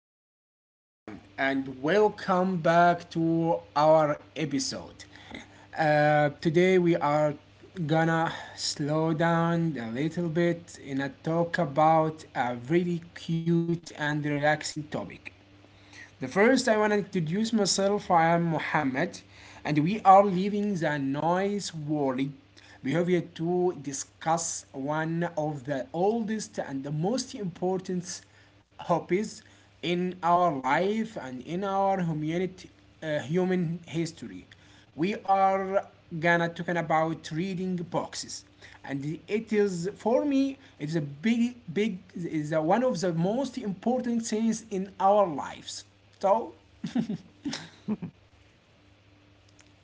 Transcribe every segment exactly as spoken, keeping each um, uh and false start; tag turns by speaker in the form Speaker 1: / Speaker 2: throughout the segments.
Speaker 1: Hello, everyone, and welcome back to our episode. Uh, today, we are gonna slow down a little bit and uh, talk about a really cute and relaxing topic. The first, I want to introduce myself. I am Muhammad, and we are leaving the noise world behavior to discuss one of the oldest and the most important hobbies in our life and in our humanity, uh, human history. We are gonna talking about reading boxes, and it is for me it's a big big is one of the most important things in our lives. So.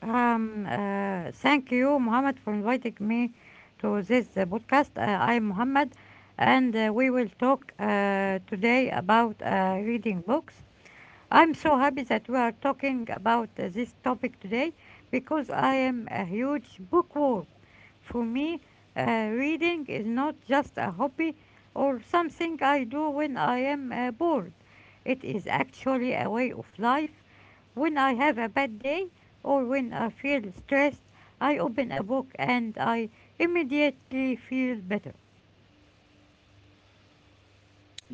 Speaker 2: Um, uh, thank you, Mohammed, for inviting me to this uh, podcast. Uh, I'm Mohammed, and uh, we will talk uh, today about uh, reading books. I'm so happy that we are talking about uh, this topic today because I am a huge bookworm. For me, uh, reading is not just a hobby or something I do when I am uh, bored. It is actually a way of life when I have a bad day or when I feel stressed, I open a book and I immediately feel better.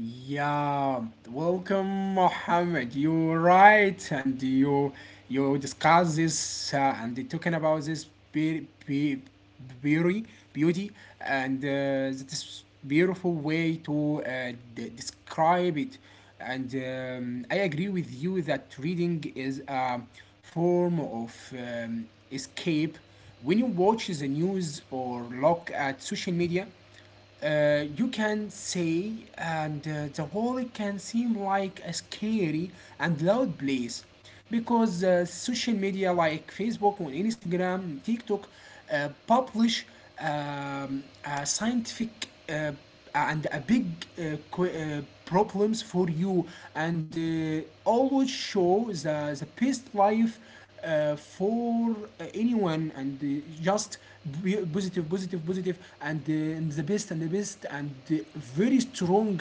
Speaker 1: Yeah, welcome, Mohammed. You're right, and you you discuss this, uh, and they talking about this be- be- beauty, beauty, and uh, this beautiful way to uh, de- describe it. And um, I agree with you that reading is a form of um, escape. When you watch the news or look at social media, uh, you can say, and uh, the whole can seem like a scary and loud place, because uh, social media like Facebook or Instagram, TikTok uh, publish um, a scientific, uh, and a big, uh, qu- uh, problems for you, and uh, always show the, the best life uh, for uh, anyone, and uh, just be positive, positive positive and, uh, and the best, and the best and uh, very strong,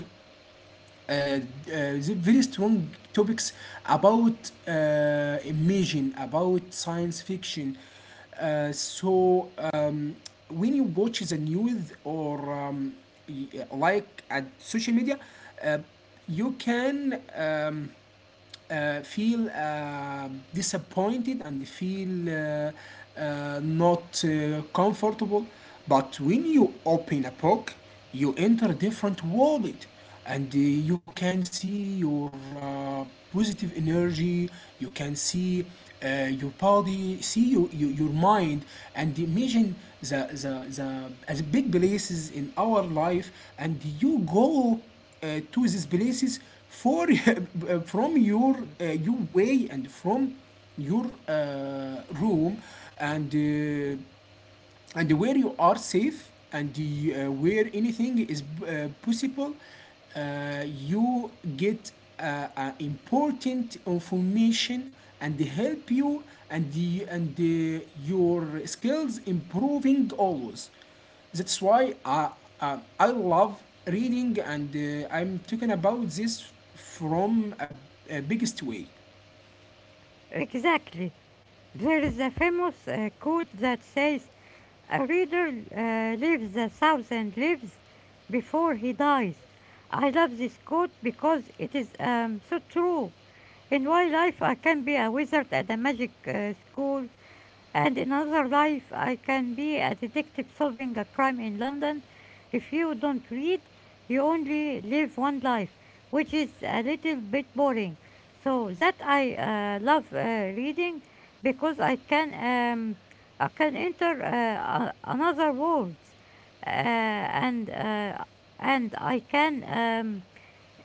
Speaker 1: uh, uh, the very strong topics about, uh, imagine about science fiction. Uh, so um, when you watch the news or um, y- like at social media, uh, you can, um, uh, feel uh, disappointed and feel uh, uh, not uh, comfortable. But when you open a book, you enter different world, and uh, you can see your uh, positive energy. You can see uh, your body, see your, your, your mind, and imagine the the, the as big places in our life, and you go uh, to these places for from your uh, your way, and from your uh, room, and uh, and where you are safe, and uh, where anything is uh, possible. uh, you get uh, uh, important information and help you and the, and the, your skills improving always. That's why I, uh, I love reading, and uh, I'm talking about this from a, a biggest way.
Speaker 2: Exactly. There is a famous uh, quote that says, a reader uh, lives a thousand lives before he dies. I love this quote because it is um, so true. In my life, I can be a wizard at a magic uh, school, and in another life, I can be a detective solving a crime in London. If you don't read, you only live one life, which is a little bit boring. So that I uh, love uh, reading because I can um, I can enter uh, a- another world, uh, and uh, and I can. Um,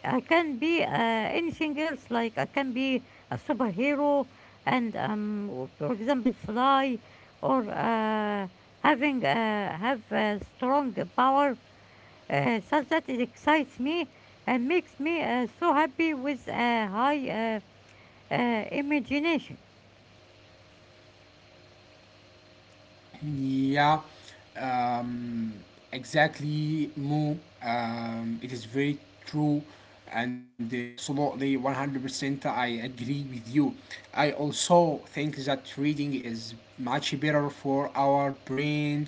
Speaker 2: I can be uh, anything else, like I can be a superhero and, um, w- for example, fly or uh, having uh, have a strong power uh, such that it excites me and makes me uh, so happy with a high uh, uh, imagination.
Speaker 1: Yeah, um, exactly, Mo. Um, it is very true, and uh, absolutely one hundred percent I agree with you. I also think that reading is much better for our brain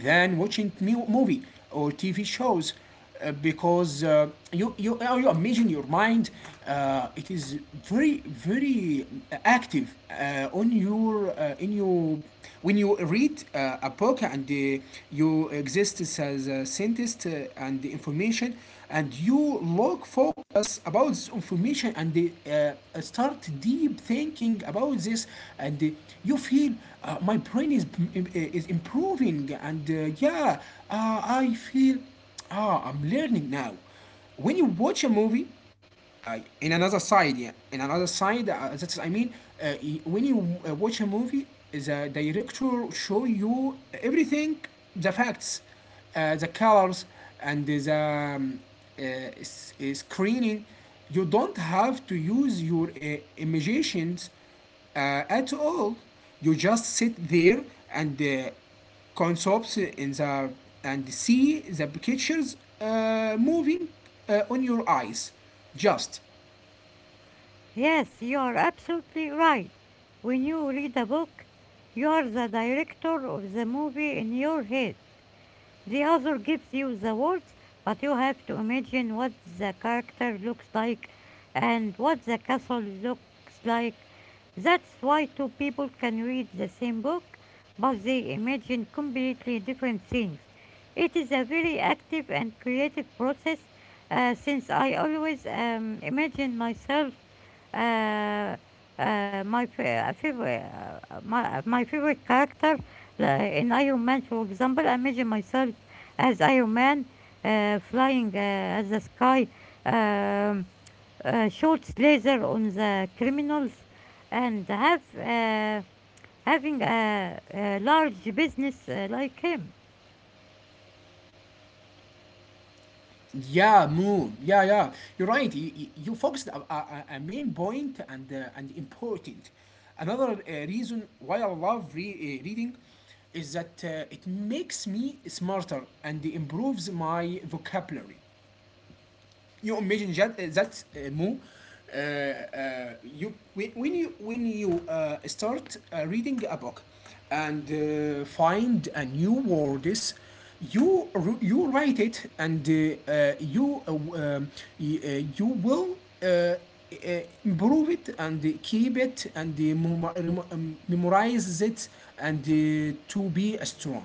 Speaker 1: than watching mu- movie or T V shows, uh, because uh, you you uh, you imagine your mind. Uh, it is very very active uh, on your uh, in your, when you read uh, a book, and uh, you exist as a scientist, uh, and the information, and you look focus about this information, and uh, start deep thinking about this, and uh, you feel, uh, my brain is, uh, is improving, and uh, yeah, uh, I feel, ah, I'm learning now. When you watch a movie, uh, in another side, yeah, in another side, uh, that's I mean, uh, when you uh, watch a movie, the director show you everything, the facts, uh, the colors, and the um, uh, s- uh, screening. You don't have to use your uh, imaginations uh, at all. You just sit there, and uh, concepts in the, and see the pictures uh, moving uh, on your eyes, just
Speaker 2: Yes, you are absolutely right. When you read a book, you are the director of the movie in your head. The author gives you the words, but you have to imagine what the character looks like and what the castle looks like. That's why two people can read the same book, but they imagine completely different things. It is a very active and creative process uh, since I always um, imagine myself uh, uh, my fa- uh, favorite, uh, uh, my, uh, my favorite character uh, in Iron Man, for example, I imagine myself as Iron Man uh, flying uh, at the sky, um, uh, shoots laser on the criminals, and have uh, having a, a large business uh, like him.
Speaker 1: yeah, move, yeah, yeah you're right. You, you you focused a, a, a main point, and uh, and important. Another uh, reason why I love re- uh, reading is that uh, it makes me smarter and improves my vocabulary. You imagine that uh, that uh, move. Uh, uh, you, when when you when you uh, start uh, reading a book and uh, find a new words, you you write it, and uh, uh, you uh, um, uh, you will, uh, uh, improve it and keep it, and uh, um, memorize it, and uh, to be strong.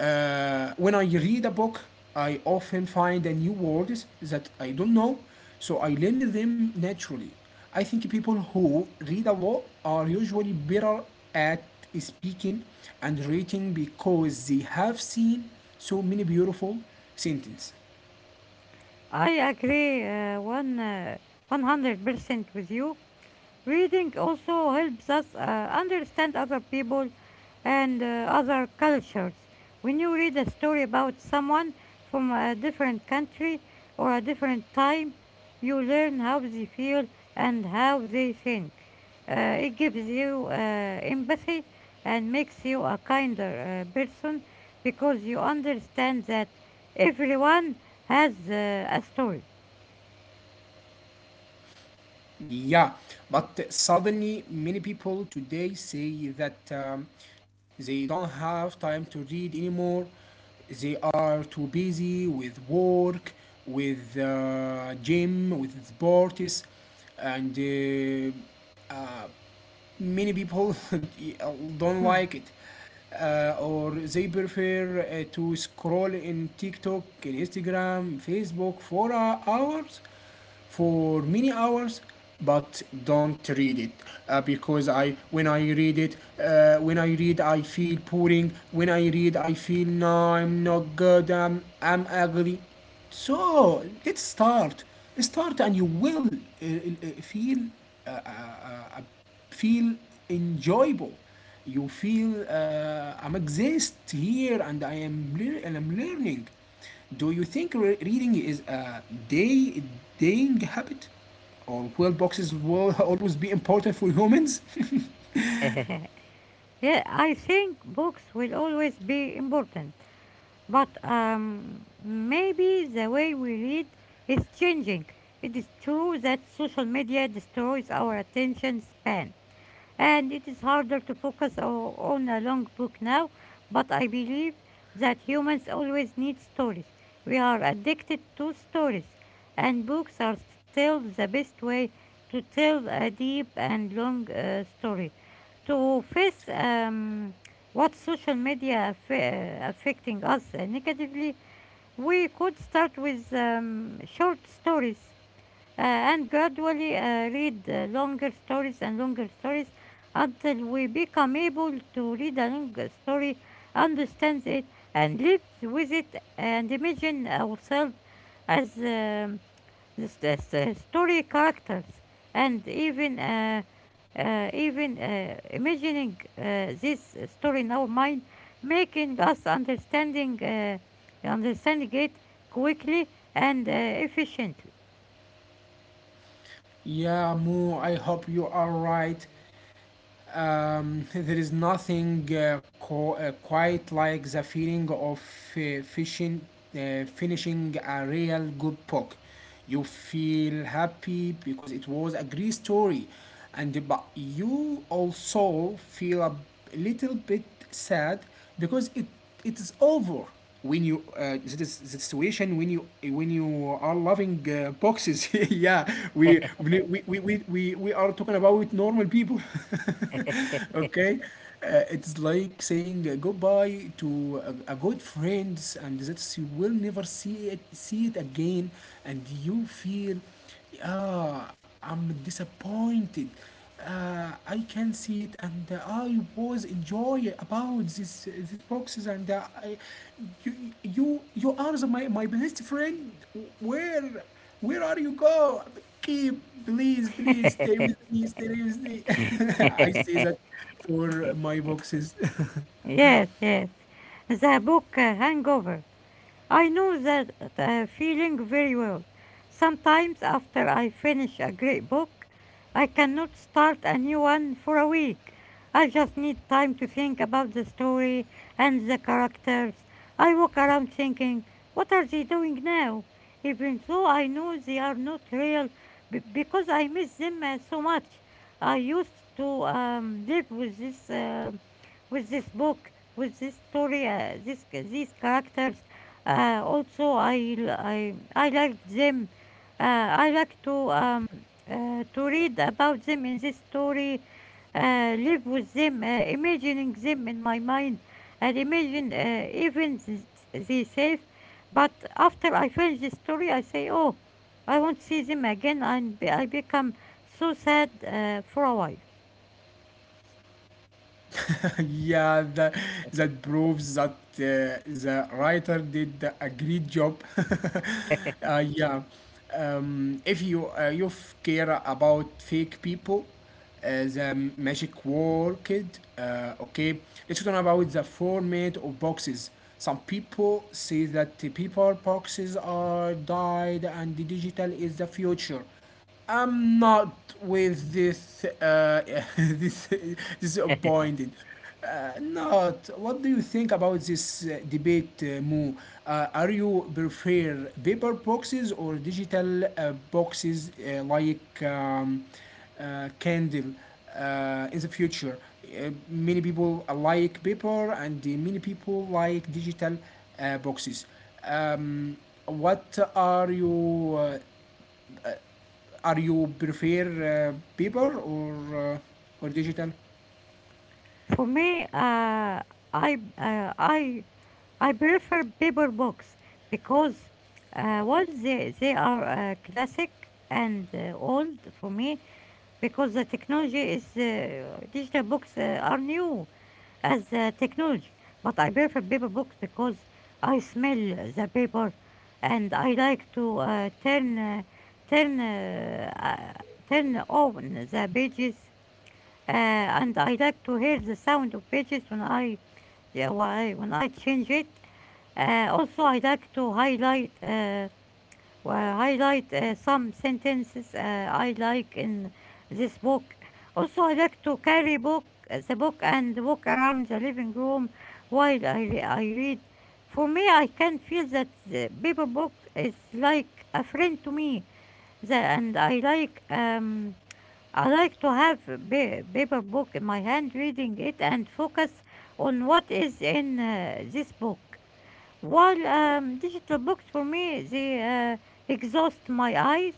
Speaker 1: uh, When I read a book, I often find a new words that I don't know, so I learn them naturally. I think people who read a lot are usually better at speaking and writing, because they have seen so many beautiful sentences.
Speaker 2: I agree uh, one uh, one hundred percent with you. Reading also helps us uh, understand other people and uh, other cultures. When you read a story about someone from a different country or a different time, you learn how they feel and how they think. Uh, it gives you uh, empathy and makes you a kinder uh, person because you understand that everyone has uh, a story.
Speaker 1: Yeah, but suddenly many people today say that um, they don't have time to read anymore. They are too busy with work, with uh, gym, with sports, and uh, uh, many people don't like it. Uh, or they prefer uh, to scroll in TikTok, in Instagram, Facebook for uh, hours, for many hours, but don't read it, uh, because I, when I read it, uh, when I read I feel boring, when I read I feel no, I'm not good, i'm, I'm ugly. So let's start, start and you will uh, uh, uh, feel, uh, uh, uh, feel enjoyable. You feel, uh, I'm exist here, and I am lear- and I'm learning. Do you think re- reading is a day daying habit, or will boxes will always be important for humans?
Speaker 2: Yeah, I think books will always be important, but um, maybe the way we read is changing. It is true that social media destroys our attention span, and it is harder to focus o- on a long book now, but I believe that humans always need stories. We are addicted to stories, and books are still the best way to tell a deep and long uh, story. To face um, what social media aff- uh, affecting us uh, negatively, we could start with um, short stories uh, and gradually uh, read uh, longer stories and longer stories until we become able to read a long story, understand it, and live with it, and imagine ourselves as um, yes, that's uh, story characters, and even uh, uh, even uh, imagining uh, this story in our mind, making us understanding uh, understanding it quickly and uh, efficiently.
Speaker 1: Yeah, Mo, I hope you are right. Um, there is nothing uh, co- uh, quite like the feeling of uh, fishing, uh, finishing a real good book. You feel happy because it was a great story, and but you also feel a little bit sad because it it is over, when you, uh, this is the situation when you when you are loving uh, boxes. Yeah, we we, we we we we are talking about normal people. Okay, uh, it's like saying uh, goodbye to a, a good friends, and that you will never see it see it again, and you feel, yeah, I'm disappointed. Uh, I can see it, and uh, I was enjoy about this these boxes, and uh, I, you, you you are the, my my best friend. Where where are you go? Keep, please, please stay with me, stay with me. I say that for my boxes.
Speaker 2: Yes, yes. The book uh, Hangover, I know that uh, feeling very well. Sometimes, after I finish a great book, I cannot start a new one for a week. I just need time to think about the story and the characters. I walk around thinking, what are they doing now? Even though I know they are not real, b- because I miss them uh, so much. I used to um, live with this, um with this book, with this story, uh, this, these characters. Uh, also, I, l- I, I like them. Uh, I like to um, uh, to read about them in this story, uh, live with them, uh, imagining them in my mind, and imagine uh, even th- they safe. But after I finish the story, I say, oh, I won't see them again, and be- I become so sad uh, for a while.
Speaker 1: Yeah, that, that proves that uh, the writer did a great job. Uh, yeah, um, if you uh, you f- care about fake people, uh, the magic worked. Uh, okay, let's talk about the format of boxes. Some people say that the paper boxes are died and the digital is the future. I'm not with this. Uh, this disappointed. Uh, not. What do you think about this uh, debate, uh, Mo? Uh, are you prefer paper boxes or digital uh, boxes, uh, like um, uh, Candle uh, in the future? Uh, many people like paper, and uh, many people like digital uh, boxes. Um, what are you, uh, are you prefer uh, paper, or uh, or digital?
Speaker 2: For me, uh, I uh, I I prefer paper books because uh, one, they they are uh, classic and uh, old for me because the technology is uh, digital books uh, are new as uh, technology. But I prefer paper books because I smell the paper and I like to uh, turn uh, turn uh, uh, turn on the pages uh, and I like to hear the sound of pages when I, yeah, why, when I change it. Uh, also, I like to highlight uh, well, highlight uh, some sentences uh, I like in this book. Also, I like to carry book the book and walk around the living room while I, re- I read. For me, I can feel that the paper book is like a friend to me, the, and I like um, I like to have a paper book in my hand, reading it and focus on what is in uh, this book. While um, digital books for me, they uh, exhaust my eyes,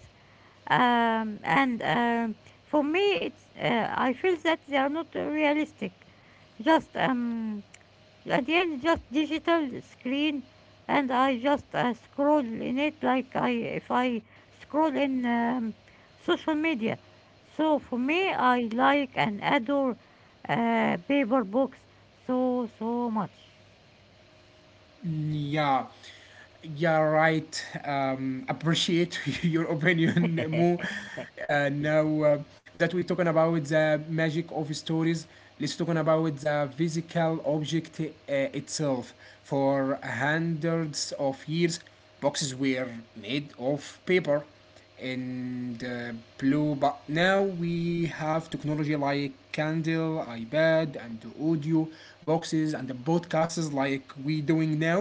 Speaker 2: um, and um, for me, it's uh, I feel that they are not realistic. Just um, at the end, just digital screen, and I just uh, scroll in it like I, if I scroll in um, social media. So for me, I like and adore uh, paper books so so much.
Speaker 1: Yeah, yeah, right. Um, appreciate your opinion, Mo. Uh, now uh, that we're talking about the magic of stories, let's talk about the physical object uh, itself. For hundreds of years, boxes were made of paper. In uh, blue, but now we have technology like Kindle, ipad, and audio boxes, and the podcasts like we doing now.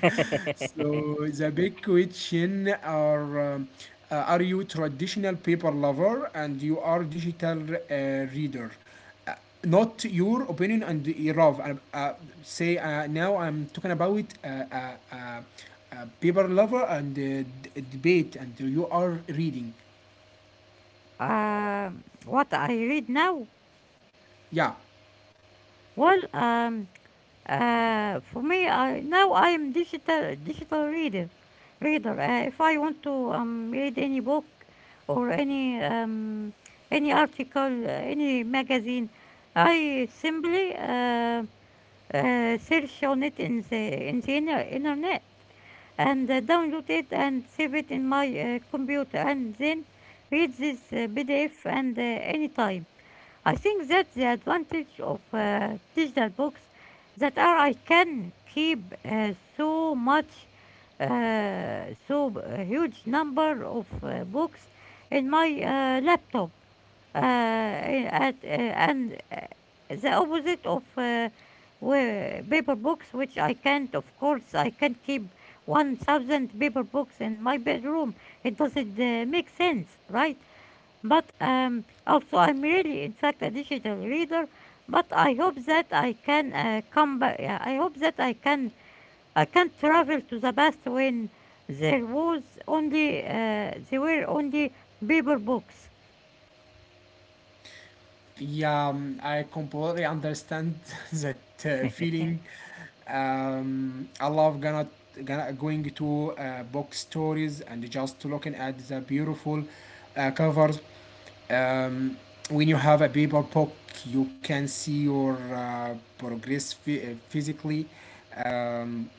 Speaker 1: So the big question are, um, uh, are you traditional paper lover, and you are digital uh, reader, uh, not your opinion and love. Uh, uh, say, uh, now I'm talking about, uh, uh, uh, uh, paper lover, and uh, debate, and you are reading.
Speaker 2: Um, what I read now?
Speaker 1: Yeah,
Speaker 2: Well, um, uh, for me, I now I am digital digital reader. Reader. Uh, if I want to um, read any book or any um, any article, uh, any magazine, I simply uh, uh, search on it in the in the inter- internet and uh, download it and save it in my uh, computer and then read this uh, P D F and uh, anytime. I think that's the advantage of uh, digital books, that are I can keep uh, so much, uh, so b- a huge number of uh, books in my uh, laptop, uh, at, uh, and uh, the opposite of uh, where paper books, which I can't. Of course, I can't keep one thousand paper books in my bedroom. It doesn't uh, make sense, right? But um, also, I'm really, in fact, a digital reader. But I hope that I can uh, come back. Yeah, I hope that I can I can travel to the past when there was only uh, there were only paper books.
Speaker 1: yeah, um, I completely understand that uh, feeling. Um, I love gonna gonna going to uh, book stories, and just looking at the beautiful uh, covers. um, when you have a paper book, you can see your uh, progress uh, physically. um,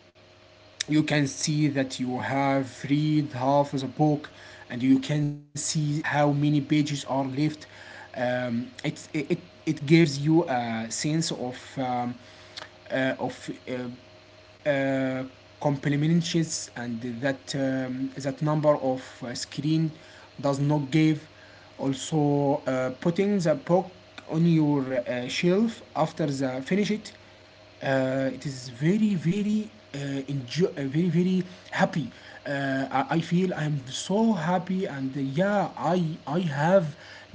Speaker 1: you can see that you have read half of the book, and you can see uh, how many pages are left. um, it, it, it gives you a sense of, um, uh, of uh, uh, complementations, and that, um, that number of uh, screen does not give. Also, uh, putting the book on your uh, shelf after the finish it, uh, it is very very uh, enjoy, uh, very very happy. uh, I- I feel I'm so happy, and uh, yeah, I I have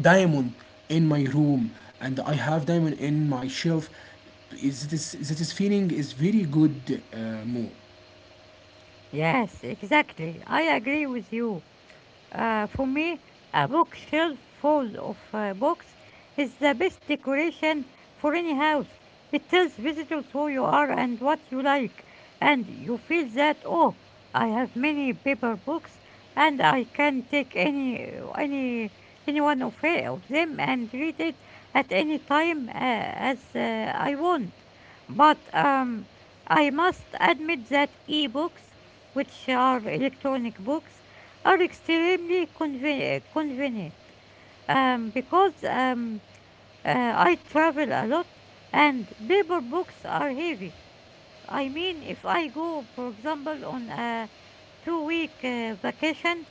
Speaker 1: diamond in my room, and I have diamond in my shelf. Is this this feeling is very good uh, mood.
Speaker 2: Yes, exactly. I agree with you. Uh, for me, a bookshelf full of uh, books is the best decoration for any house. It tells visitors who you are and what you like, and you feel that oh, I have many paper books, and I can take any any any one of, it, of them and read it at any time uh, as uh, I want. But um, I must admit that ebooks, which are electronic books, are extremely conven- convenient um, because um, uh, I travel a lot and paper books are heavy. I mean, if I go, for example, on a two week uh, vacation,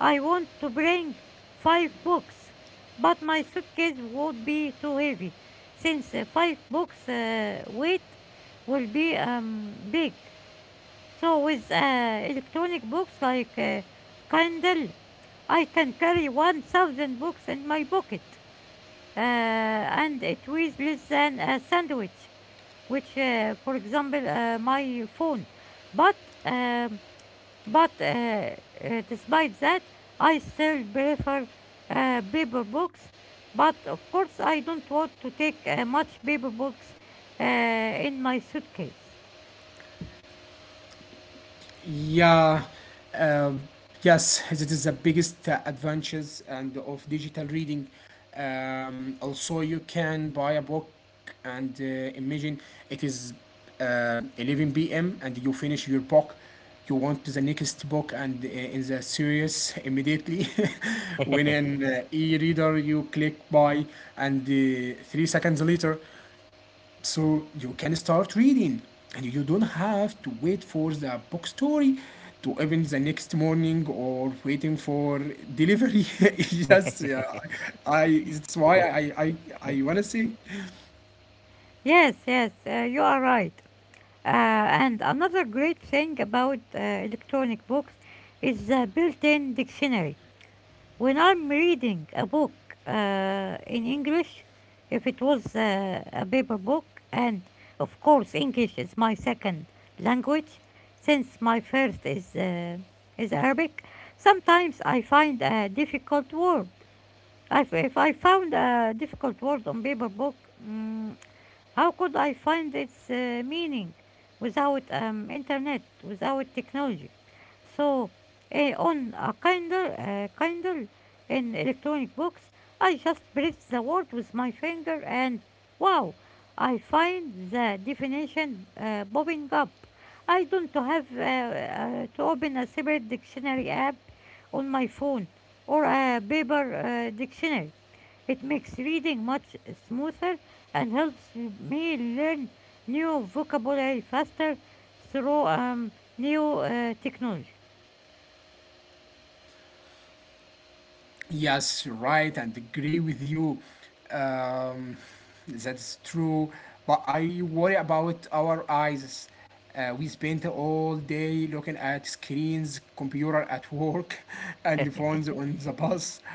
Speaker 2: I want to bring five books, but my suitcase would be too heavy since uh, five books uh, weight will be um, big. So with uh, electronic books like uh, Kindle, I can carry one thousand books in my pocket uh, and it weighs less than a sandwich, which, uh, for example, uh, my phone. But um, but uh, uh, despite that, I still prefer uh, paper books. But of course, I don't want to take uh, much paper books uh, in my suitcase.
Speaker 1: Yeah, uh, yes, it is the biggest uh, advantages and of digital reading. Um, also, you can buy a book, and uh, imagine it is, uh, eleven p m and you finish your book. You want the next book, and uh, in the series immediately. When an uh, e-reader, you click buy, and uh, three seconds later, so you can start reading, and you don't have to wait for the book story to open the next morning, or waiting for delivery. Yes, yeah, I that's why I I I want to say.
Speaker 2: Yes, yes, uh, you are right. Uh, and another great thing about uh, electronic books is the built in dictionary. When I'm reading a book uh, in English, if it was uh, a paper book, and of course, English is my second language since my first is, uh, is Arabic, sometimes I find a difficult word. If, if I found a difficult word on paper book, mm, how could I find its uh, meaning without um, internet, without technology? So, uh, on a Kindle, uh, Kindle, in electronic books, I just press the word with my finger, and wow, I find the definition uh, popping up. I don't have uh, uh, to open a separate dictionary app on my phone or a paper uh, dictionary. It makes reading much smoother and helps me learn new vocabulary faster through um, new uh, technology.
Speaker 1: Yes, you're right, and agree with you. Um, that's true, but I worry about our eyes. Uh, we spend all day looking at screens, computer at work, and phones on the bus,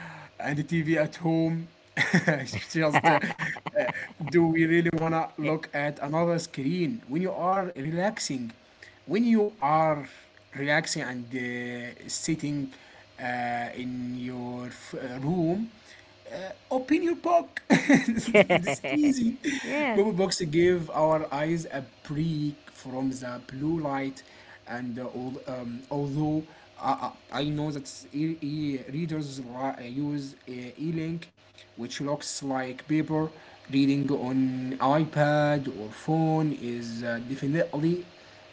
Speaker 1: and the T V at home. It's Just uh, uh, do we really wanna look at another screen when you are relaxing? when you are relaxing and uh, sitting uh, in your uh, room, uh, open your book. It's easy.
Speaker 2: Yes,
Speaker 1: Mobile books give our eyes a break from the blue light, and uh, al- um, although I, I I know that e- e- readers li- uh, use uh, e-link, which looks like paper. Reading on iPad or phone is uh, definitely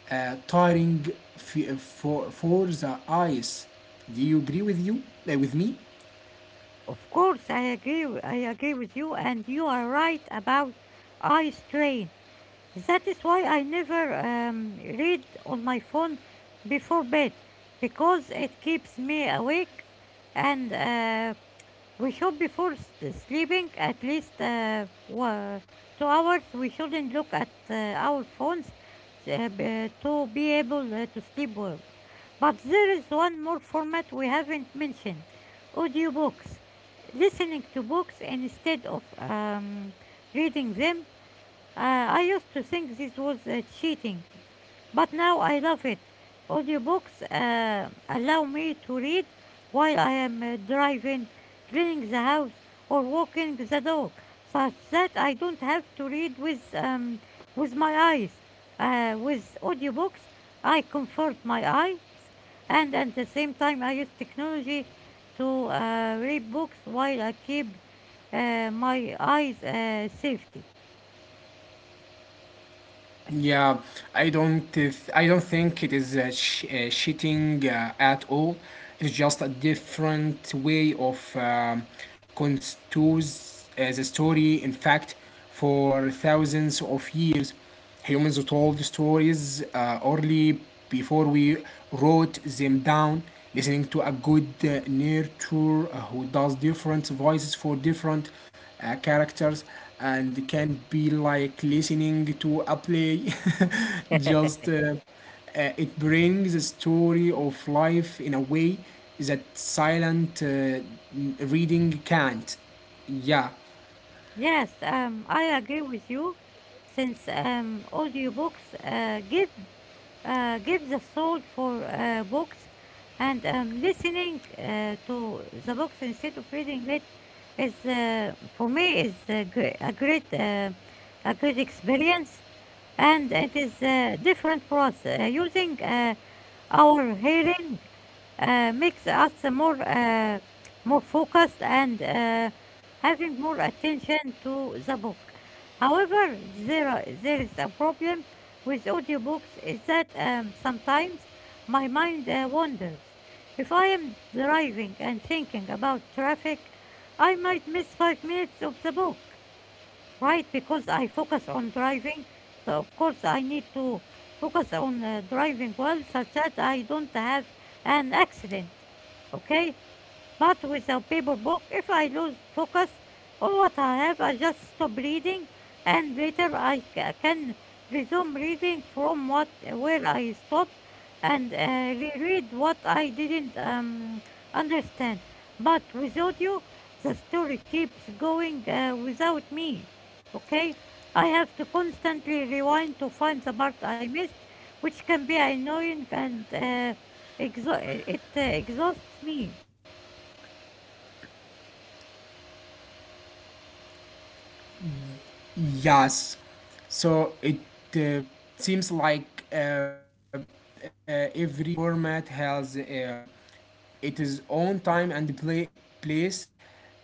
Speaker 1: uh, tiring f- uh, for for the eyes. Do you agree with you uh, with me?
Speaker 2: of course, I agree. w- I agree with you, and you are right about eye strain. That is why I never um, read on my phone before bed because it keeps me awake and uh, we should be forced sleeping at least uh, wa- two hours. We shouldn't look at uh, our phones uh, b- to be able uh, to sleep well. But there is one more format we haven't mentioned audiobooks. Listening to books instead of um, reading them. Uh, I used to think this was uh, cheating, but now I love it. Audiobooks uh, allow me to read while I am uh, driving, cleaning the house, or walking the dog, such that I don't have to read with, um, with my eyes. Uh, with audiobooks, I comfort my eyes, and at the same time, I use technology to uh, read books while I keep uh, my eyes uh, safety.
Speaker 1: Yeah, I don't. th- I don't think it is uh, sh- uh, cheating uh, at all. It's just a different way of um, constitutes uh, the story. In fact, for thousands of years, humans told stories uh, early before we wrote them down. Listening to a good uh, narrator uh, who does different voices for different uh, characters and can be like listening to a play just uh, uh, it brings a story of life in a way that silent uh, reading can't. Yeah,
Speaker 2: Yes, um, I agree with you. Since um, audiobooks uh, give uh, give the soul for uh, books, and um, listening uh, to the books instead of reading it is uh, for me is a, gre- a great uh, a great experience, and it is uh, different for us uh, using uh, our hearing uh, makes us more uh, more focused and uh, having more attention to the book. However, there are- there is a problem with audiobooks is that um, sometimes my mind uh, wanders. If I am driving and thinking about traffic, I might miss five minutes of the book, right? Because I focus on driving, so of course I need to focus on uh, driving well, such that I don't have an accident. Okay, but with a paper book, if I lose focus on what I have, I just stop reading and later I ca- can resume reading from what where I stopped and uh, reread what I didn't um, understand. But with audio, the story keeps going uh, without me. Okay? I have to constantly rewind to find the part I missed, which can be annoying and uh, exha- it uh, exhausts me.
Speaker 1: yes, so it uh, seems like uh, uh, every uh, format has um, It is on time and play, place.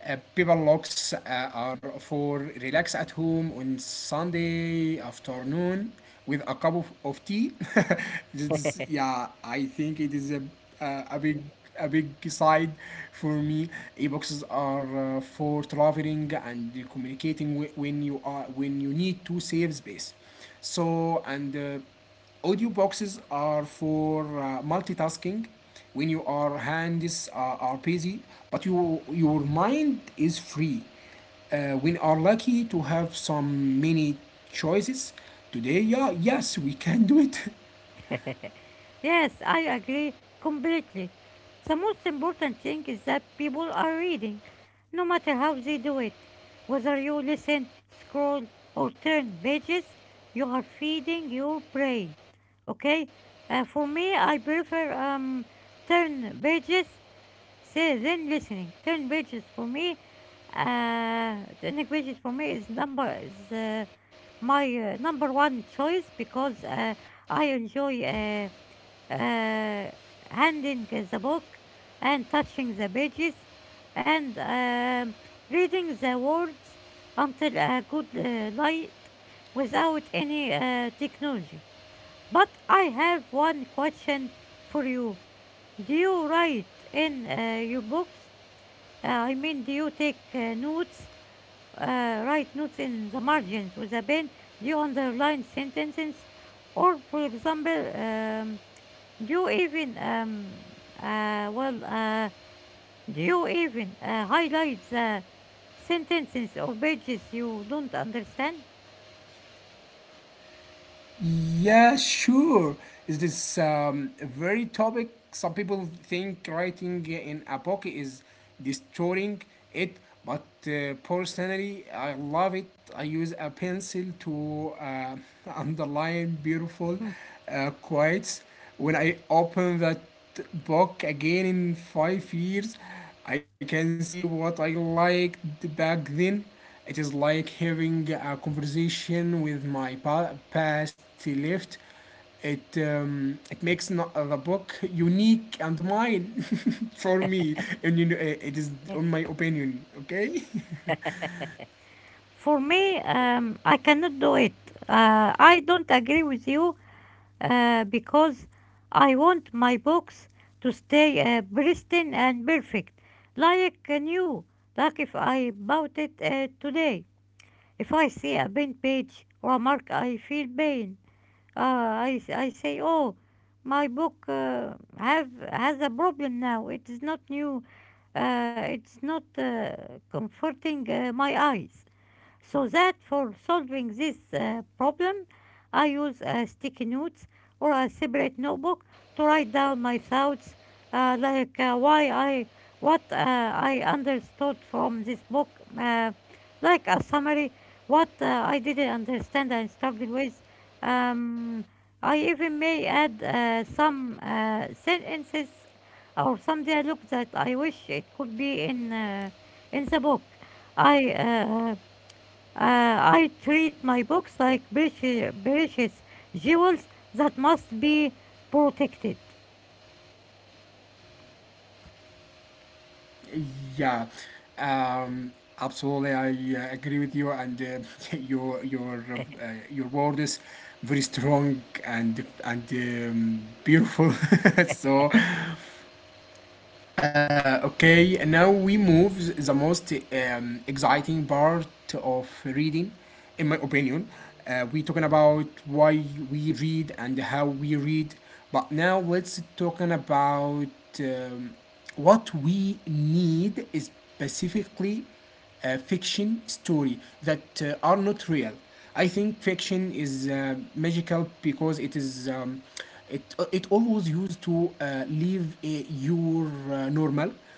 Speaker 1: Uh, people locks uh, are for relax at home on Sunday afternoon with a cup of, of tea. This is, yeah, I think it is a, a, a big, a big side for me. E-boxes are uh, for traveling and communicating whe- when you are when you need to save space. So and uh, Audio boxes are for uh, multitasking when you are hands uh, are busy, but you, your mind is free. Uh, we are lucky to have some many choices today. Yeah, yes, we can do it.
Speaker 2: Yes, I agree completely. The most important thing is that people are reading, no matter how they do it. Whether you listen, scroll, or turn pages, you are feeding your brain. Okay? Uh, for me, I prefer um, turn pages, say then listening. Turn pages for me, uh, turning pages for me is number is uh, my uh, number one choice because uh, I enjoy. Uh, uh, handing the book and touching the pages and um, reading the words until a good uh, light without any uh, technology. But I have one question for you. Do you write in uh, your books? Uh, I mean, do you take uh, notes, uh, write notes in the margins with a pen? Do you underline sentences? Or, for example, um, do you even um uh well uh do you even uh, highlight the sentences or pages you don't understand?
Speaker 1: Yeah, sure. Is this um, very topic? Some people think writing in a book is destroying it, but uh, personally, I love it. I use a pencil to uh, underline beautiful uh, quotes. When I open that book again in five years, I can see what I liked back then. It is like having a conversation with my pa- past left. It um, it makes no- the book unique and mine for me. And you know, uh, it is on my opinion. Okay,
Speaker 2: For me, um, I cannot do it. Uh, I don't agree with you uh, because I want my books to stay uh, pristine and perfect, like uh, new. Like if I bought it uh, today, if I see a bent page or a mark, I feel pain. Ah, I, s- I say, oh, my book uh, have has a problem now. It is not new. Uh, it's not uh, comforting uh, my eyes. So that for solving this uh, problem, I use uh, sticky notes or a separate notebook to write down my thoughts, uh, like uh, why I, what uh, I understood from this book, uh, like a summary, what uh, I didn't understand and struggled with. Um, I even may add uh, some uh, sentences or some dialogue that I wish it could be in uh, in the book. I uh, uh, I treat my books like precious, precious jewels that must be protected.
Speaker 1: yeah, um, absolutely. I uh, agree with you, and uh, your your uh, your word is very strong and and um, beautiful. So Uh, okay, and now we move the most um, exciting part of reading, in my opinion. Uh, we talking about why we read and how we read, but now let's talking about um, what we need specifically uh, fiction story that uh, are not real. I think fiction is uh, magical because it is um, it uh, it always used to uh, leave uh, your uh, normal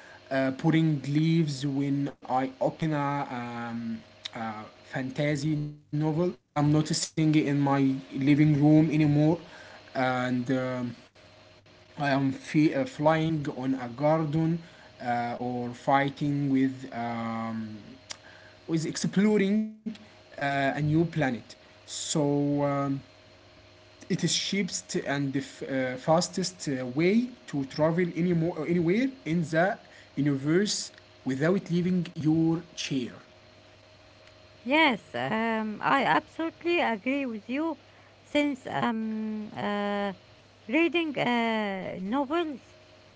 Speaker 1: uh, putting leaves when I open a um, uh, fantasy novel. I'm not sitting in my living room anymore, and um, I am fe- uh, flying on a garden uh, or fighting with. Um, is exploring uh, a new planet. So um, it is cheapest and the f- uh, fastest uh, way to travel any more anywhere in the universe without leaving your chair.
Speaker 2: Yes, um, I absolutely agree with you. Since um, uh, reading uh, novels,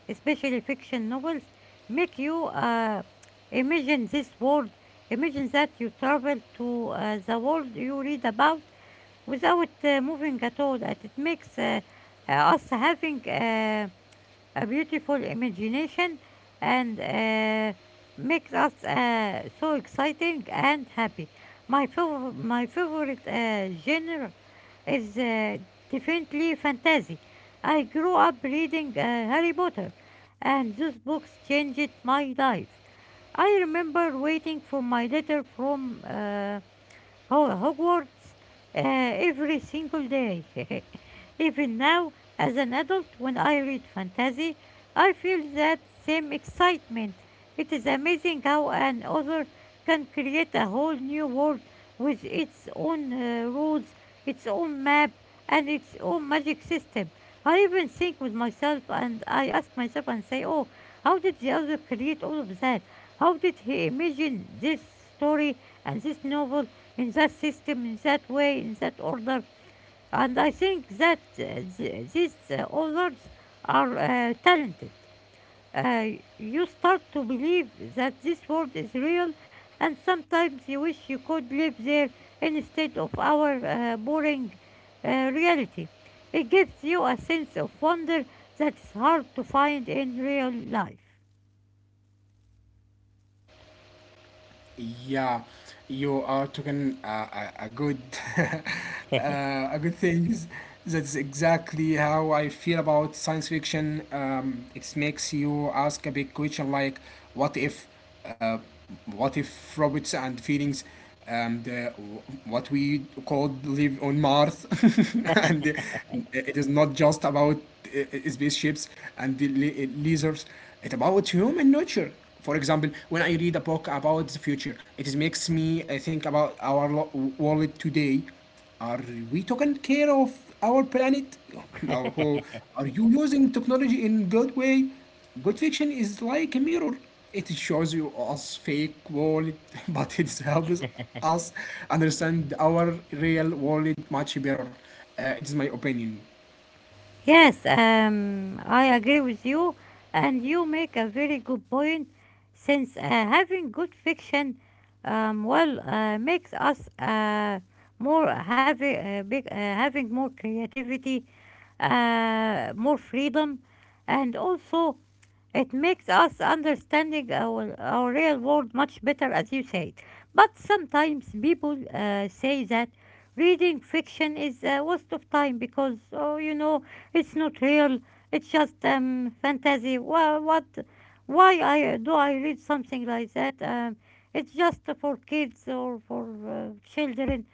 Speaker 2: especially fiction novels, make you uh, imagine this world, imagine that you travel to uh, the world you read about without uh, moving at all. That it makes uh, uh, us having. Uh, a beautiful imagination and uh, makes us uh, so exciting and happy. My, fav- my favorite uh, genre is uh, definitely fantasy. I grew up reading uh, Harry Potter, and those books changed my life. I remember waiting for my letter from uh, Ho- Hogwarts uh, every single day. Even now, as an adult, when I read fantasy, I feel that same excitement. It is amazing how an author can create a whole new world with its own uh, rules, its own map, and its own magic system. I even think with myself and I ask myself and say, oh, how did the author create all of that? How did he imagine this story and this novel, in that system, in that way, in that order? And I think that uh, th- these uh, authors are uh, talented. Uh, you start to believe that this world is real, and sometimes you wish you could live there instead of our uh, boring uh, reality. It gives you a sense of wonder that is hard to find in real life.
Speaker 1: Yeah, you are talking uh, a, a good uh, a good things. That's exactly how I feel about science fiction. Um, it makes you ask a big question like, what if, uh, what if robots and feelings? And uh, what we called live on Mars, and uh, it is not just about uh, uh, spaceships and the la- uh, lasers. It's about human nature. For example, when I read a book about the future, it is makes me uh, think about our lo- world today. Are we taking care of our planet? Or are you using technology in good way? Good fiction is like a mirror. It shows you us fake world, but it helps us understand our real world much better. Uh, it is my opinion.
Speaker 2: Yes, um, I agree with you, and you make a very good point. Since uh, having good fiction, um, well, uh, makes us uh, more having uh, big, uh, having more creativity, uh, more freedom, and also it makes us understanding our, our real world much better, as you said. But sometimes people uh, say that reading fiction is a waste of time because, oh, you know it's not real. It's just um, fantasy. Why, what? Why I do I read something like that? Um, it's just for kids or for uh, children.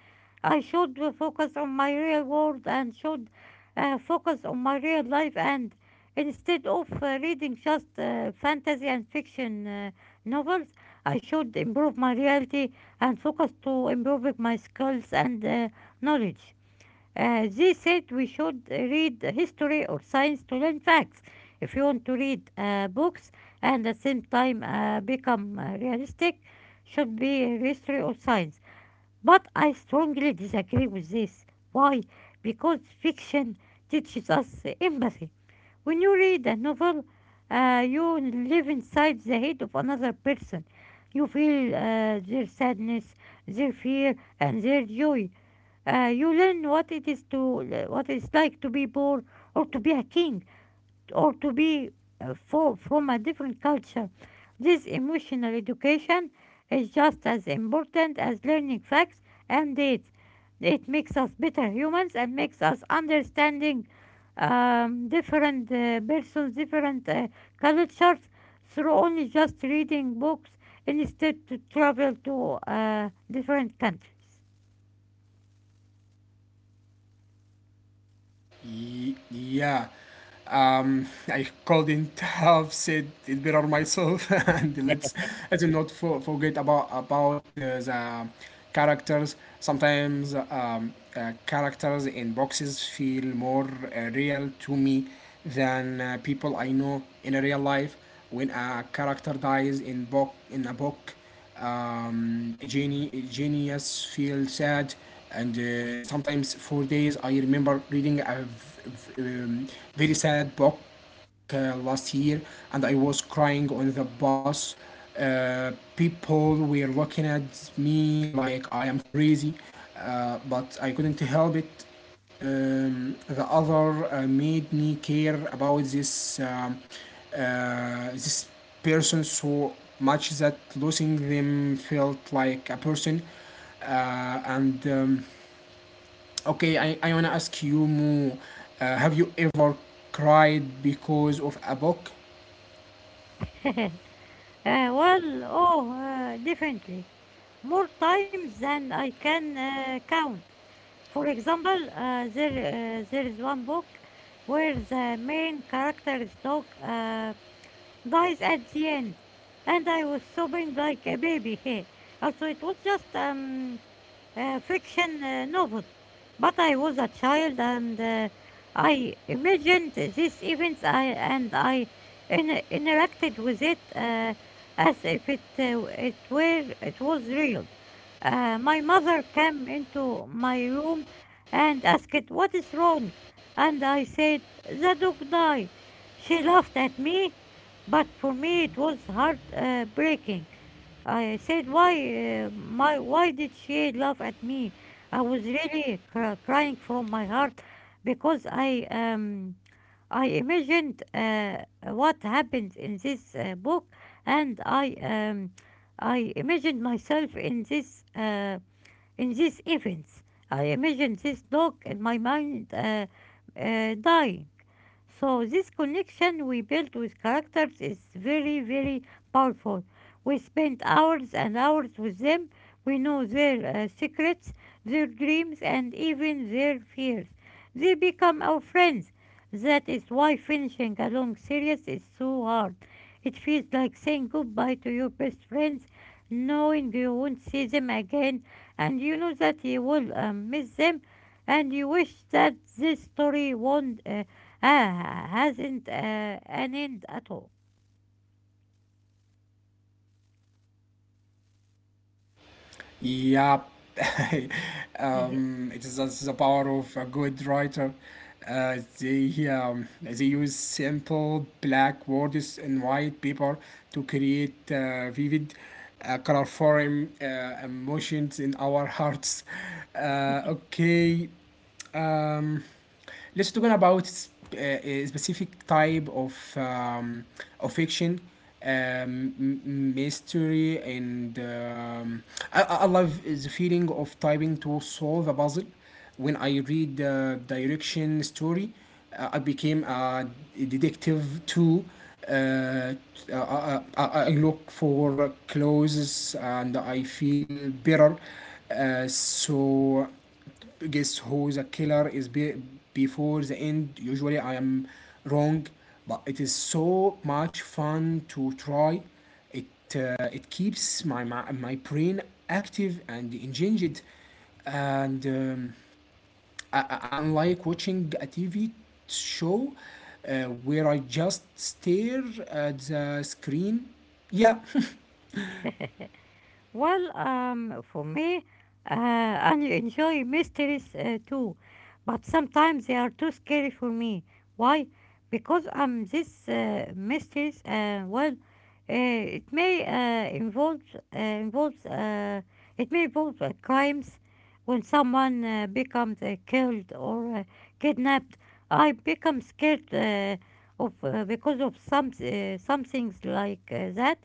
Speaker 2: I should focus on my real world and should uh, focus on my real life. And instead of uh, reading just uh, fantasy and fiction uh, novels, I should improve my reality and focus to improving my skills and uh, knowledge. Uh, they said we should read history or science to learn facts. If you want to read uh, books and at the same time uh, become uh, realistic, should be history or science. But I strongly disagree with this. Why? Because fiction teaches us empathy. When you read a novel, uh, you live inside the head of another person. You feel uh, their sadness, their fear, and their joy. Uh, you learn what it is to uh, what it's like to be poor or to be a king or to be uh, for, from a different culture. This emotional education is just as important as learning facts and dates. It makes us better humans and makes us understanding um, different uh, persons, different uh, cultures through only just reading books instead to travel to uh, different countries.
Speaker 1: Ye- yeah. Um, I couldn't have said it better myself. And let's let's not for, forget about about uh, the characters. Sometimes um, uh, characters in boxes feel more uh, real to me than uh, people I know in a real life. When a character dies in book in a book, um, geni- genius feel sad and uh, sometimes four days. I remember reading a um, very sad book uh, last year, and I was crying on the bus. uh, People were looking at me like I am crazy, uh, but I couldn't help it. Um, the other uh, made me care about this um, uh, this person so much that losing them felt like a person. Uh, and um, Okay, I, I wanna ask you more. Uh, have you ever cried because of a book?
Speaker 2: Uh, well, oh, uh, definitely. More times than I can uh, count. For example, uh, there uh, there is one book where the main character's dog uh, dies at the end, and I was sobbing like a baby. Hey, also it was just um uh, fiction uh, novel. But I was a child and uh, I imagined these events I, and I in- interacted with it uh, as if it, uh, it, were, it was real. Uh, my mother came into my room and asked, "What is wrong?" And I said, "The dog died." She laughed at me, but for me it was heartbreaking. I said, why, uh, my, why did she laugh at me? I was really cr crying from my heart because I, um, I imagined uh, what happens in this uh, book, and I, um, I imagined myself in this, uh, in these events. I imagined this dog in my mind uh, uh, dying. So this connection we build with characters is very, very powerful. We spend hours and hours with them. We know their uh, secrets, their dreams, and even their fears. They become our friends. That is why finishing a long series is so hard. It feels like saying goodbye to your best friends, knowing you won't see them again, and you know that you will um, miss them, and you wish that this story won't uh, Ah, hasn't, uh, an end at all.
Speaker 1: Yep. Um, it is that's the power of a good writer. Uh, they um, they use simple black words and white paper to create uh, vivid, uh, colorful uh, emotions in our hearts. Uh, okay. Um, let's talk about s- uh, a specific type of um, of fiction, um, m- mystery, and um, I, I I love the feeling of typing to solve a puzzle. When I read the direction story, uh, I became a detective too. Uh, t- I, I, I I look for clues and I feel better. Uh, so guess who the killer is be- before the end. Usually I am wrong, but it is so much fun to try. It uh, it keeps my, my my brain active and engaged, and um, I, I- unlike watching a T V show uh, where I just stare at the screen. Yeah.
Speaker 2: Well, um, for me, uh, I enjoy mysteries uh, too, but sometimes they are too scary for me. Why? Because um, these uh, mysteries, uh, well, uh, it may uh, involve uh, involves uh, it may involve uh, crimes when someone uh, becomes uh, killed or uh, kidnapped. I become scared uh, of uh, because of some uh, some things like uh, that.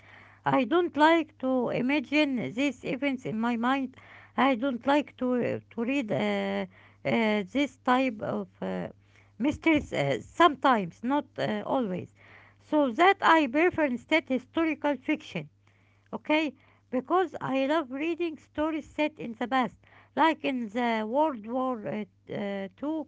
Speaker 2: I don't like to imagine these events in my mind. I don't like to uh, to read uh, uh, this type of uh, mysteries uh, sometimes, not uh, always. So that I prefer instead historical fiction, okay? Because I love reading stories set in the past, like in the World War uh, uh, two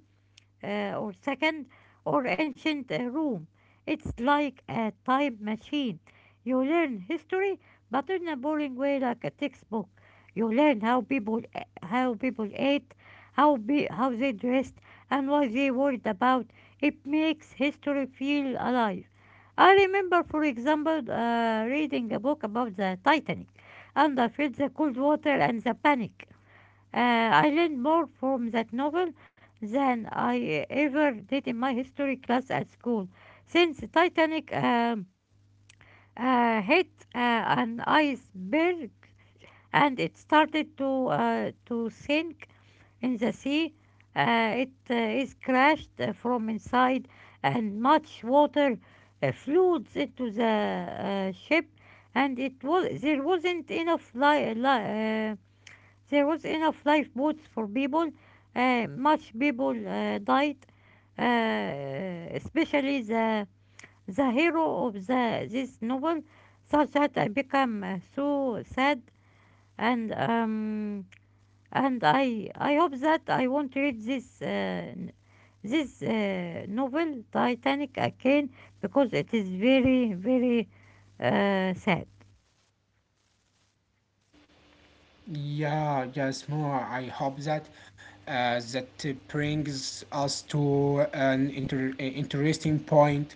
Speaker 2: uh, or second or ancient uh, Rome. It's like a time machine. You learn history, but in a boring way, like a textbook. You learn how people uh, how people ate, how be, how they dressed, and what they worried about. It makes history feel alive. I remember, for example, uh, reading a book about the Titanic, and I felt the cold water and the panic. Uh, I learned more from that novel than I ever did in my history class at school. Since Titanic um, uh, hit uh, an iceberg and it started to uh, to sink in the sea, uh, it uh, is crashed uh, from inside, and much water uh, floods into the uh, ship, and it was there wasn't enough li- li- uh, there was enough lifeboats for people. Uh, much people uh, died, uh, especially the the hero of the this novel, such that I become uh, so sad and um and I I hope that I won't read this uh, n- this uh, novel Titanic again because it is very very uh, sad.
Speaker 1: Yeah, yes, more. I hope that uh, that uh, brings us to an inter- uh, interesting point.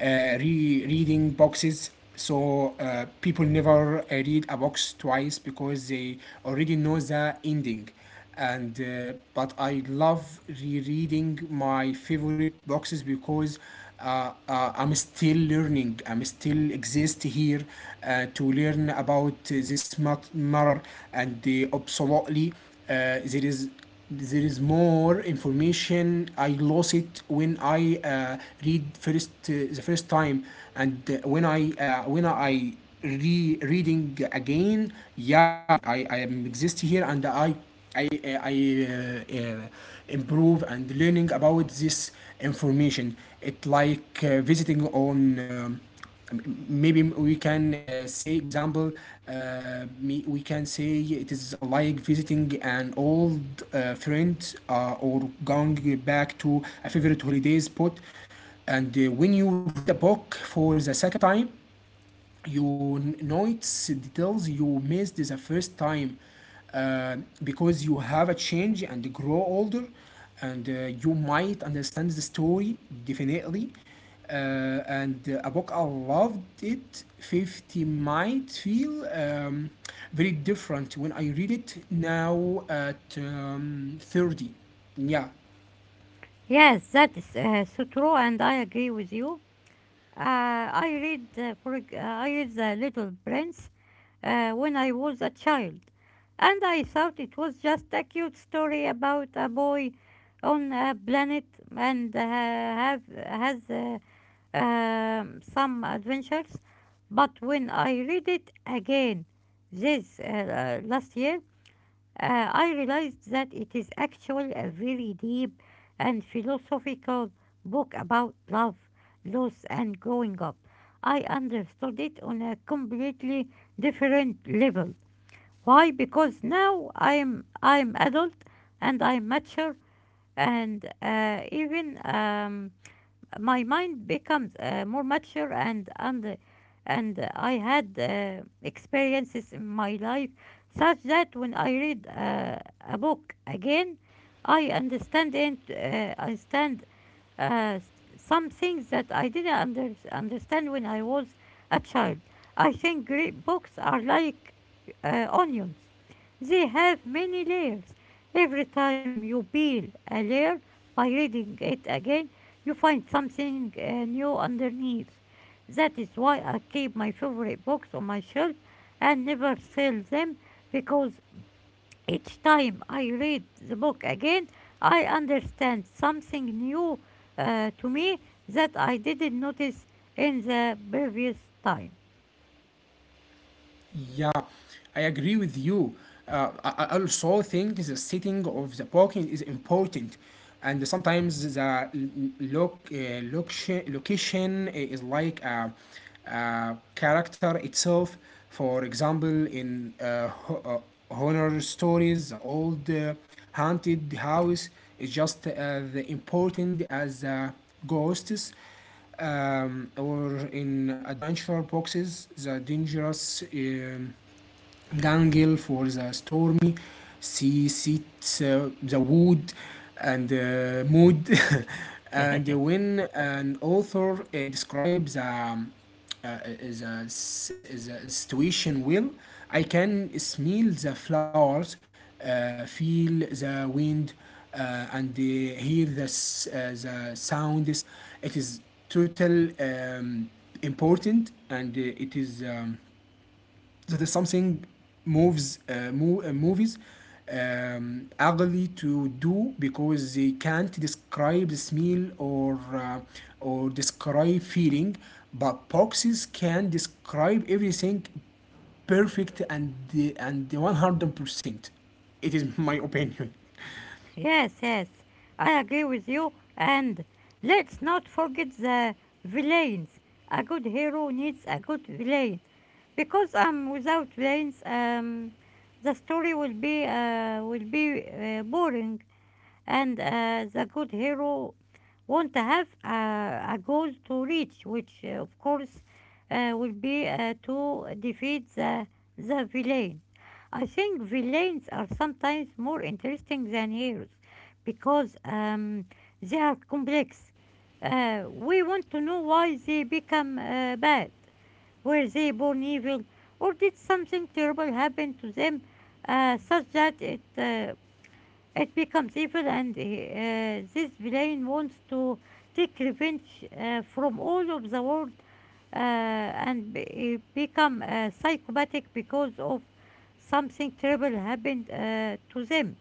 Speaker 1: Uh, re- reading boxes. So uh, people never uh, read a box twice because they already know the ending, and uh, but I love rereading my favorite boxes because uh, uh, I'm still learning. I'm still exist here uh, to learn about uh, this mat- matter, and uh, absolutely uh, there is, there is more information I lost it when I uh, read first uh, the first time. And uh, when I uh, when I re reading again, yeah, I, I, I am exist here and I I uh, I uh, uh, improve and learning about this information. It like uh, visiting on um, maybe we can uh, say example, uh, me- we can say it is like visiting an old uh, friend uh, or going back to a favorite holiday spot. And uh, when you read a book for the second time, you n- notice details you missed the first time, uh, because you have a change and grow older, and uh, you might understand the story definitely. Uh, and uh, A book I loved it fifty might feel um, very different when I read it now at um, thirty, yeah.
Speaker 2: Yes, that is uh, so true, and I agree with you. Uh, I read, uh, for, ex- uh, I read The Little Prince uh, when I was a child, and I thought it was just a cute story about a boy on a planet and uh, have has uh, um, some adventures. But when I read it again this uh, uh, last year, uh, I realized that it is actually a very deep and philosophical book about love, loss, and growing up. I understood it on a completely different level. Why? Because now I'm I'm adult and I'm mature and uh, even um, my mind becomes uh, more mature and and and I had uh, experiences in my life such that when I read uh, a book again, I understand it. Uh, I understand uh, s- some things that I didn't under- understand when I was a child. I think great books are like uh, onions. They have many layers. Every time you peel a layer by reading it again, you find something uh, new underneath. That is why I keep my favorite books on my shelf and never sell them because each time I read the book again, I understand something new uh, to me that I didn't notice in the previous time.
Speaker 1: Yeah, I agree with you. Uh, I I also think the setting of the parking is important, and sometimes the l- l- loc uh, location, location is like a, a character itself. For example, in uh, ho- uh, horror stories, the old uh, haunted house is just uh, the important as uh, ghosts, um, or in adventure boxes, the dangerous um, gangle for the stormy sea sets uh, the wood and uh, mood. And when an author uh, describes um, uh, the, s- the, the situation well, I can smell the flowers, uh, feel the wind, uh, and uh, hear the, s- uh, the sounds. It is total um, important, and uh, it is um, that is something moves uh, mo- uh, movies um, ugly to do, because they can't describe the smell or uh, or describe feeling, but boxes can describe everything perfect and the, and one hundred percent. It is my opinion.
Speaker 2: Yes, yes, I agree with you. And let's not forget the villains. A good hero needs a good villain. Because um, without villains, um, the story will be uh, will be uh, boring and uh, the good hero won't have a a goal to reach, which uh, of course uh, will be uh, to defeat the, the villain. I think villains are sometimes more interesting than heroes because um, they are complex. Uh, we want to know why they become uh, bad. Were they born evil, or did something terrible happen to them uh, such that it uh, it becomes evil and uh, this villain wants to take revenge uh, from all of the world uh, and be- become uh, psychopathic because of something terrible happened uh, to them.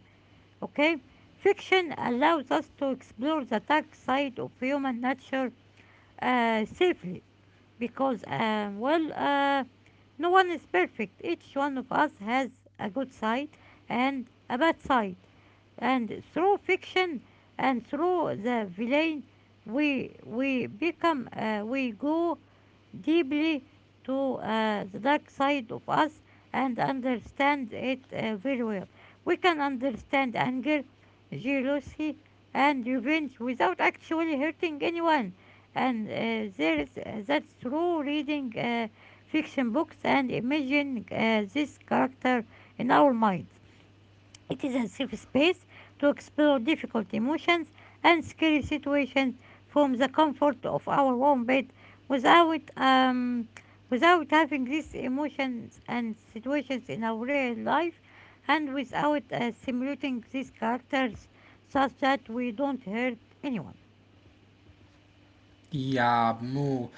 Speaker 2: Okay? Fiction allows us to explore the dark side of human nature uh, safely because um, well uh, no one is perfect, each one of us has a good side and a bad side, and through fiction and through the villain we we become uh, we go deeply to uh, the dark side of us and understand it uh, very well. We can understand anger, jealousy, and revenge without actually hurting anyone. And uh, there is, uh, that's through reading uh, fiction books and imagining uh, this character in our minds. It is a safe space to explore difficult emotions and scary situations from the comfort of our own bed without, um, without having these emotions and situations in our real life and without uh, simulating these characters such that we don't hurt anyone.
Speaker 1: Yeah, Mo.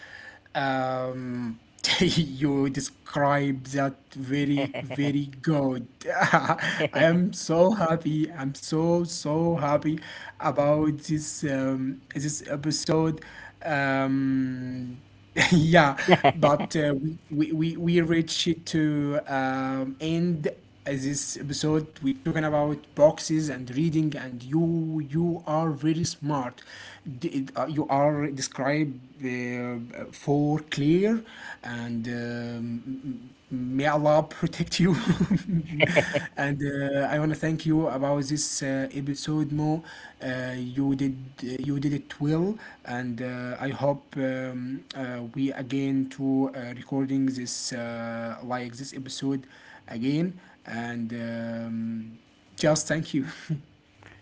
Speaker 1: Um, you describe that very, very good. I am so happy. I'm so, so happy about this um, this episode. Um, yeah, but uh, we, we, we we reach it to um, end uh, this episode. We're talking about boxes and reading, and you you are very smart. D- it- uh, You are described uh, for clear and um, may Allah protect you. And uh, I want to thank you about this uh, episode, Mo. Uh, you did you did it well, and uh, I hope um, uh, we again to uh, recording this uh, like this episode again. And um, just thank you.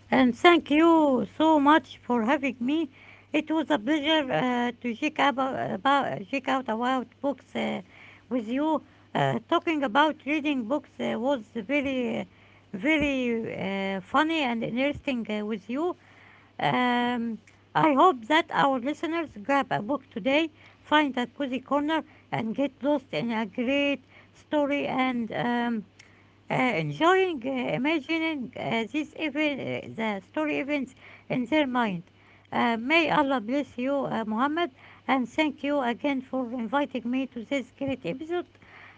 Speaker 2: And thank you so much for having me. It was a pleasure uh, to check, about, about, check out about books uh, with you. Uh, talking about reading books uh, was very, uh, very uh, funny and interesting uh, with you. Um, I hope that our listeners grab a book today, find a cozy corner, and get lost in a great story, and um, uh, enjoying uh, imagining uh, these even uh, the story events in their mind. Uh, may Allah bless you, uh, Muhammad, and thank you again for inviting me to this great episode.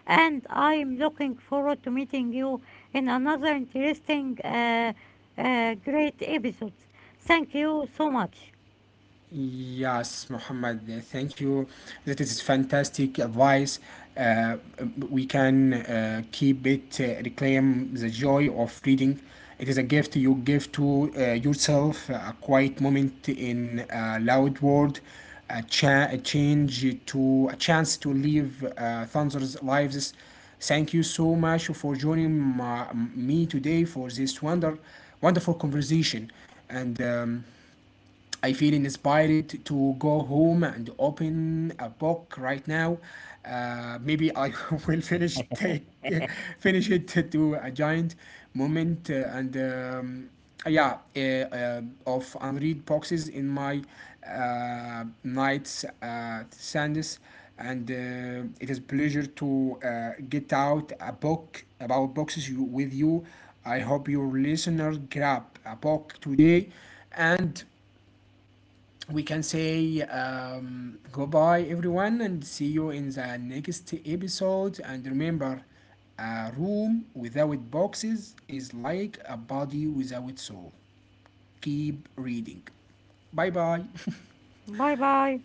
Speaker 2: And I'm looking forward to meeting you in another interesting, uh, uh, great episode. Thank you so much.
Speaker 1: Yes, Muhammad, uh, thank you. That is fantastic advice. Uh, we can uh, keep it, uh, reclaim the joy of reading. It is a gift you give to uh, yourself, a quiet moment in a loud world, a, cha- a change to a chance to live uh, Thunder's lives. Thank you so much for joining my, me today for this wonder, wonderful conversation. And um, I feel inspired to go home and open a book right now. Uh, maybe I will finish take finish it to a giant moment uh, and um, yeah uh, uh, of unread boxes in my uh, nights at Sands, and uh, it is pleasure to uh, get out a book about boxes you, with you. I hope your listener grab a book today, and we can say um, goodbye, everyone, and see you in the next episode. And remember, a room without boxes is like a body without soul. Keep reading. Bye bye.
Speaker 2: Bye bye.